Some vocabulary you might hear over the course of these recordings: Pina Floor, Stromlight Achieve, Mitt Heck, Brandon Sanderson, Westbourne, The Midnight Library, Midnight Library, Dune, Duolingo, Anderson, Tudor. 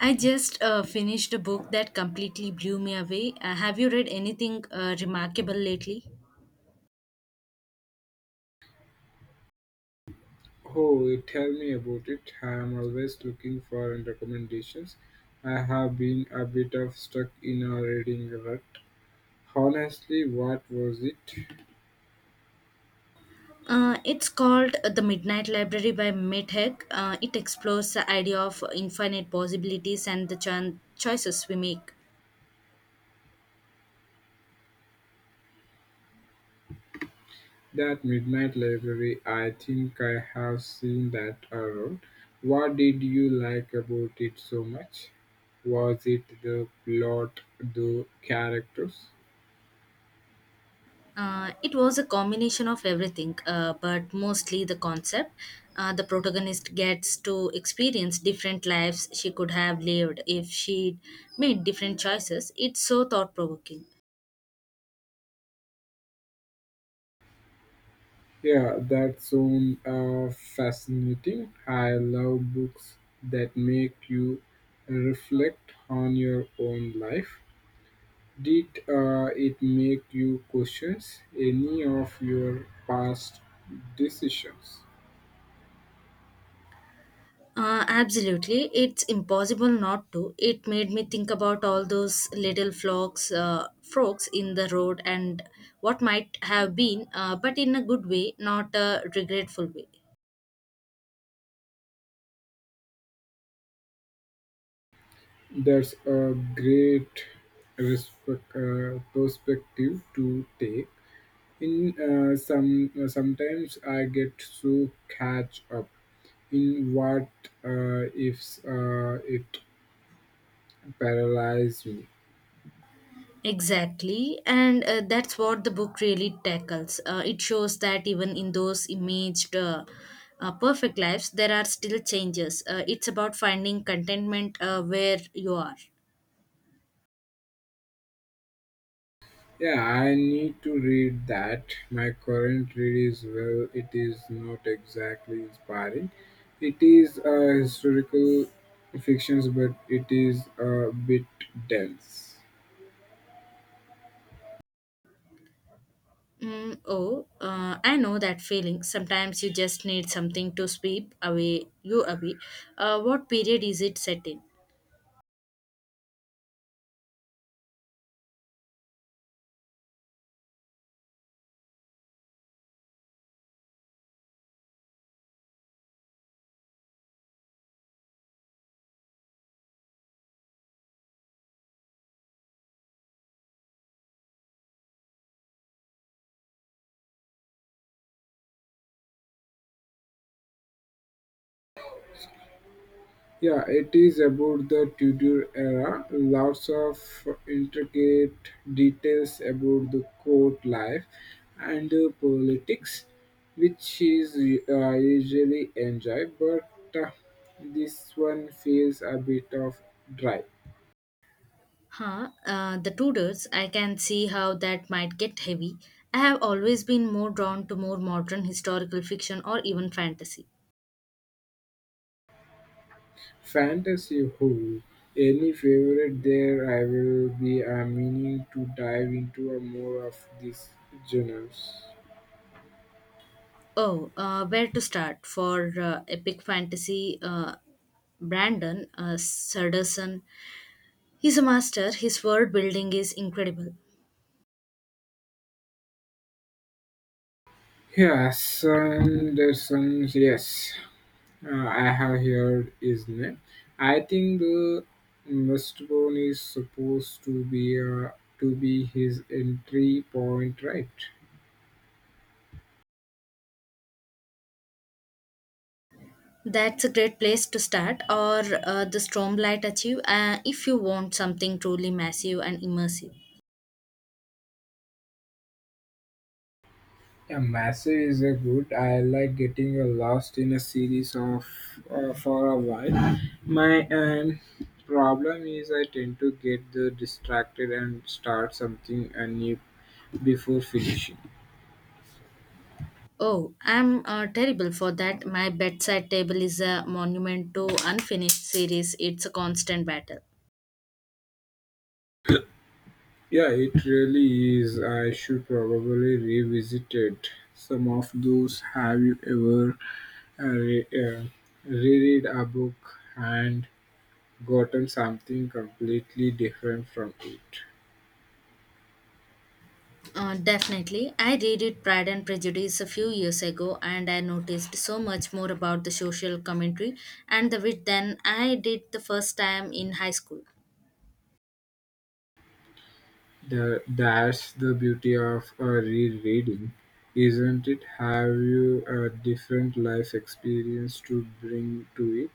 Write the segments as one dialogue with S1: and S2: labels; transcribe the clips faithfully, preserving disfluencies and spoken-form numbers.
S1: I just uh, finished a book that completely blew me away. Uh, have you read anything uh, remarkable lately?
S2: Oh, tell me about it. I am always looking for recommendations. I have been a bit of stuck in a reading rut. Honestly, what was it?
S1: Uh, it's called uh, The Midnight Library by Mitt Heck. Uh, it explores the idea of infinite possibilities and the cho- choices we make.
S2: That Midnight Library, I think I have seen that around. What did you like about it so much? Was it the plot, the characters?
S1: Uh, it was a combination of everything, uh, but mostly the concept. Uh, the protagonist gets to experience different lives she could have lived if she'd made different choices. It's so thought provoking.
S2: Yeah, that's sounds uh, fascinating. I love books that make you reflect on your own life. Did uh, it make you question any of your past decisions?
S1: Uh, absolutely. It's impossible not to. It made me think about all those little frogs, uh, frogs in the road and what might have been, uh, but in a good way, not a regretful way.
S2: That's a great respect, uh, perspective to take. In uh, some uh, Sometimes I get so catch up in what uh, ifs uh, it Paralyze me.
S1: Exactly. And uh, that's what the book really tackles. Uh, it shows that even in those imaged uh, uh, perfect lives, there are still changes. Uh, it's about finding contentment uh, where you are.
S2: Yeah, I need to read that. My current read is well, it is not exactly inspiring. It is a historical fiction, but it is a bit dense.
S1: Mm, oh, uh, I know that feeling. Sometimes you just need something to sweep away you away. Uh, what period is it set in?
S2: Yeah, it is about the Tudor era. Lots of intricate details about the court life and the politics, which is uh, usually enjoyed, but uh, this one feels a bit of dry.
S1: Huh? Uh, the Tudors. I can see how that might get heavy. I have always been more drawn to more modern historical fiction or even fantasy.
S2: Fantasy Who? Any favorite there? I will be uh, meaning to dive into a more of these genres.
S1: Oh, uh, where to start for uh, epic fantasy? Uh, Brandon uh, Sanderson. He's a master. His world building is incredible.
S2: Yes, Anderson, yes. Uh, I have heard his name. I think the Westbourne is supposed to be uh, to be his entry point, right?
S1: That's a great place to start, or uh, the Stromlight Achieve, uh, if you want something truly massive and immersive.
S2: Yeah, massive is a good. I like getting uh, lost in a series of uh, for a while. My um, problem is I tend to get the distracted and start something uh, new before finishing.
S1: Oh, I'm uh, terrible for that. My bedside table is a monument to unfinished series. It's a constant battle.
S2: Yeah, it really is. I should probably revisit it. Some of those. Have you ever uh, re- uh, reread a book and gotten something completely different from it?
S1: Uh, definitely. I read it Pride and Prejudice a few years ago and I noticed so much more about the social commentary and the wit than I did the first time in high school.
S2: The, that's the beauty of a rereading, isn't it? Have you a different life experience to bring to it?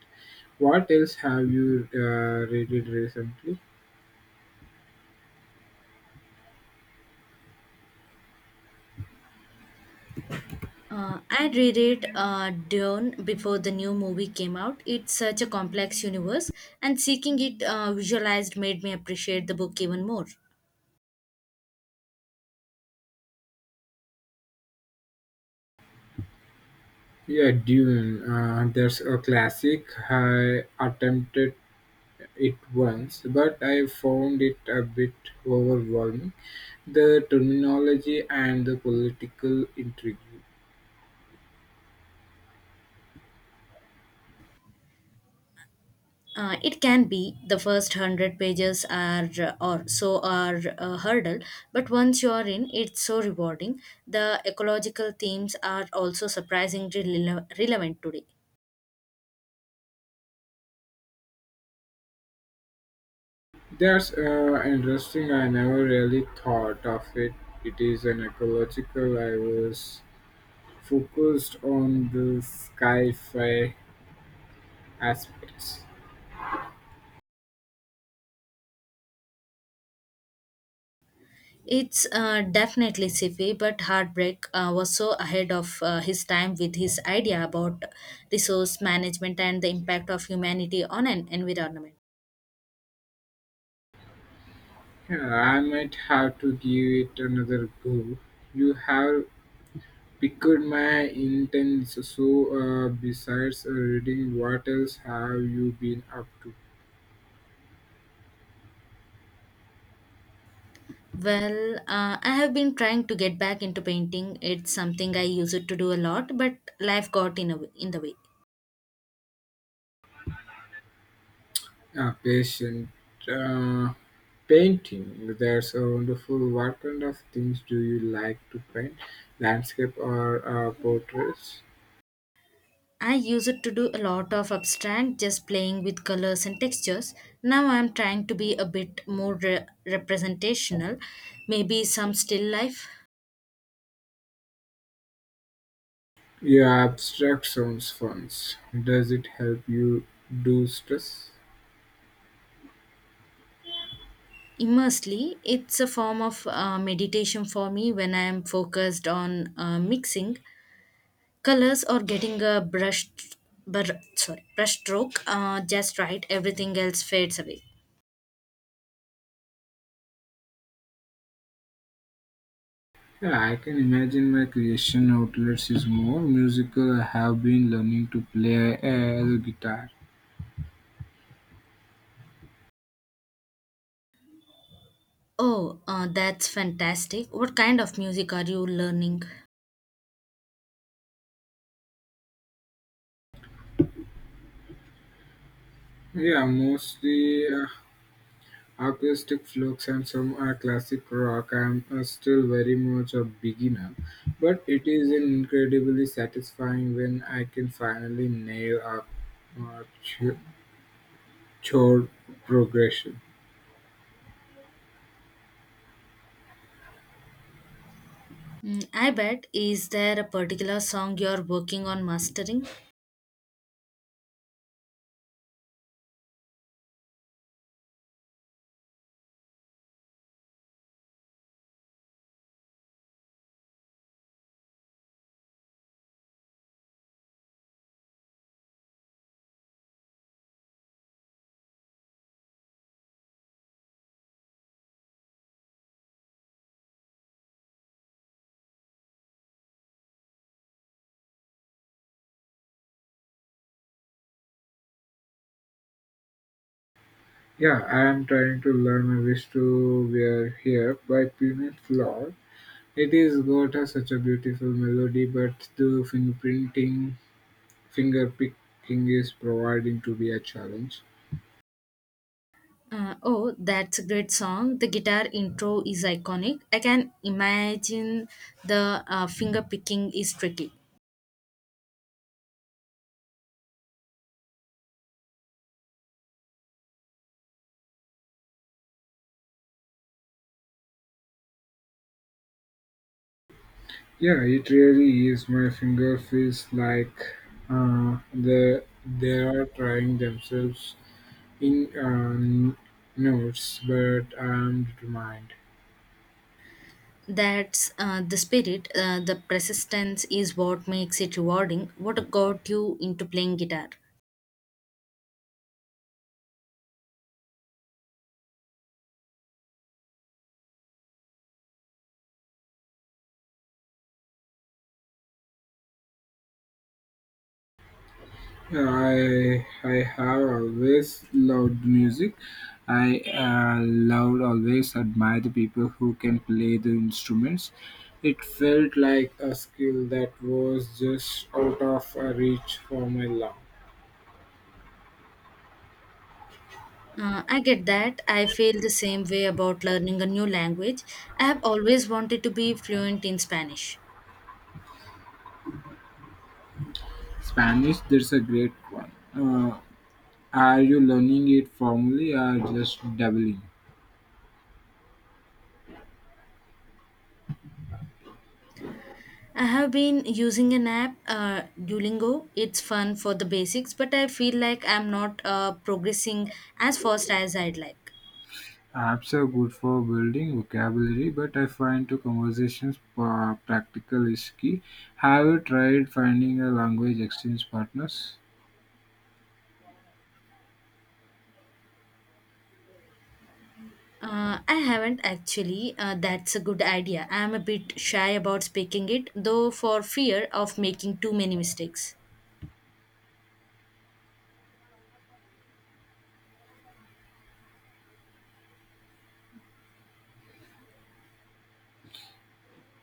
S2: What else have you uh, read recently?
S1: Uh, I reread uh, Dune before the new movie came out. It's such a complex universe, and seeking it uh, visualized made me appreciate the book even more.
S2: Yeah, Dune. Uh, that's a classic. I attempted it once, but I found it a bit overwhelming. The terminology and the political intrigue.
S1: Uh, it can be the first hundred pages are uh, or so are a hurdle, but once you are in, it's so rewarding. The ecological themes are also surprisingly rele- relevant today.
S2: That's uh, interesting. I never really thought of it. It is an ecological. I was focused on the sci-fi aspects.
S1: It's uh, definitely sci-fi, but Heartbreak uh, was so ahead of uh, his time with his idea about resource management and the impact of humanity on an environment.
S2: Yeah, I might have to give it another go. You have piqued my interest. So, uh, besides uh, reading, what else have you been up to?
S1: Well, uh, I have been trying to get back into painting. It's something I used to do a lot, but life got in a w- in the way.
S2: Uh, patient uh, Painting. That's a wonderful. What kind of things do you like to paint? Landscape or uh, portraits?
S1: I used to do a lot of abstract, just playing with colors and textures. Now I'm trying to be a bit more re- representational, maybe some still life.
S2: Yeah, abstract sounds fun. Does it help you do stress?
S1: Immersely, it's a form of uh, meditation for me when I am focused on uh, mixing colors or getting a brush, br- sorry, brush stroke uh, just right. Everything else fades away.
S2: Yeah, I can imagine my creation outlets is more musical. I have been learning to play uh, guitar.
S1: Oh, uh, that's fantastic! What kind of music are you learning?
S2: Yeah, mostly uh, acoustic flukes and some uh, classic rock. I'm uh, still very much a beginner, but it is incredibly satisfying when I can finally nail a uh, ch- chord progression.
S1: Mm, I bet. Is there a particular song you're working on mastering?
S2: Yeah, I am trying to learn my wish to wear here by Pina Floor. It is got a, such a beautiful melody, but the fingerprinting, finger picking is providing to be a challenge.
S1: Uh, oh, that's a great song. The guitar intro is iconic. I can imagine the uh, finger picking is tricky.
S2: Yeah, it really is. My finger feels like uh, the they are trying themselves in um, notes, but I'm determined.
S1: That's uh, the spirit, uh, the persistence is what makes it rewarding. What got you into playing guitar?
S2: I I have always loved music. I uh, loved always admire the people who can play the instruments. It felt like a skill that was just out of uh, reach for my love.
S1: Uh, I get that. I feel the same way about learning a new language. I have always wanted to be fluent in Spanish.
S2: Spanish, there's a great one. Uh, Are you learning it formally or just dabbling?
S1: I have been using an app, uh, Duolingo. It's fun for the basics, but I feel like I'm not uh, progressing as fast as I'd like.
S2: Apps are good for building vocabulary, but I find to conversations uh, practical is key. Have you tried finding a language exchange partners?
S1: Uh, I haven't actually. Uh, that's a good idea. I am a bit shy about speaking it, though, for fear of making too many mistakes.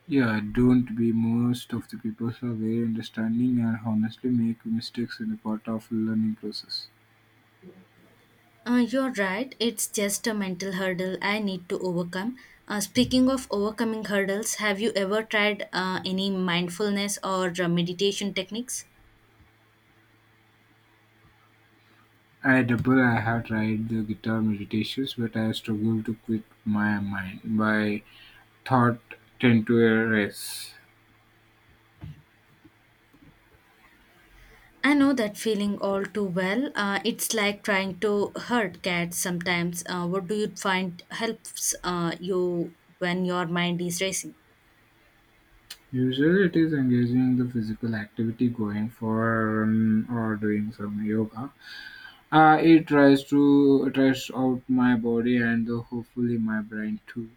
S2: Yeah, don't be most of the people are very understanding and honestly make mistakes in the part of learning process.
S1: Uh, you're right. It's just a mental hurdle I need to overcome. Uh, speaking of overcoming hurdles, have you ever tried uh, any mindfulness or uh, meditation techniques?
S2: I double I have tried the guitar meditations, but I struggle to quit my mind. My thought tend to erase.
S1: I know that feeling all too well. Uh, it's like trying to hurt cats sometimes. Uh, what do you find helps uh, you when your mind is racing?
S2: Usually it is engaging the physical activity, going for a run or doing some yoga. Uh, it tries to it tries out my body and uh, hopefully my brain too.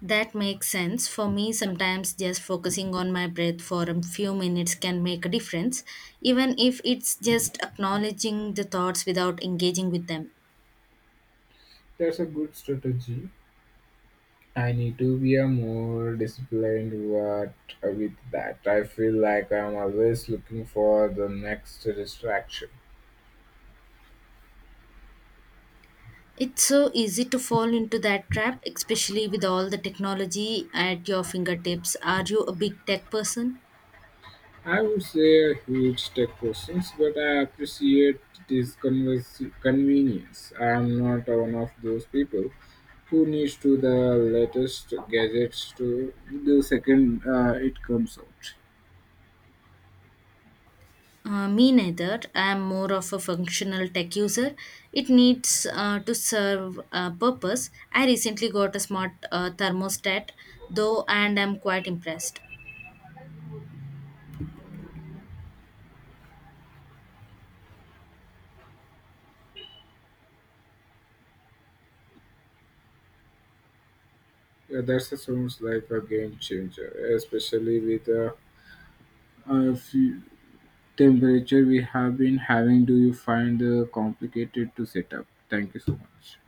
S1: That makes sense. For me, sometimes just focusing on my breath for a few minutes can make a difference, even if it's just acknowledging the thoughts without engaging with them.
S2: That's a good strategy. I need to be a more disciplined what with that. I feel like I'm always looking for the next distraction.
S1: It's so easy to fall into that trap, especially with all the technology at your fingertips. Are you a big tech person?
S2: I would say a huge tech questions, but I appreciate this convers- convenience. I am not one of those people who needs to the latest gadgets to the second uh, it comes out.
S1: Uh, me neither. I am more of a functional tech user. It needs uh, to serve a purpose. I recently got a smart uh, thermostat, though, and I'm quite impressed.
S2: Yeah, that sounds like a game changer, especially with the uh, few temperature we have been having. Do you find uh, complicated to set up? Thank you so much.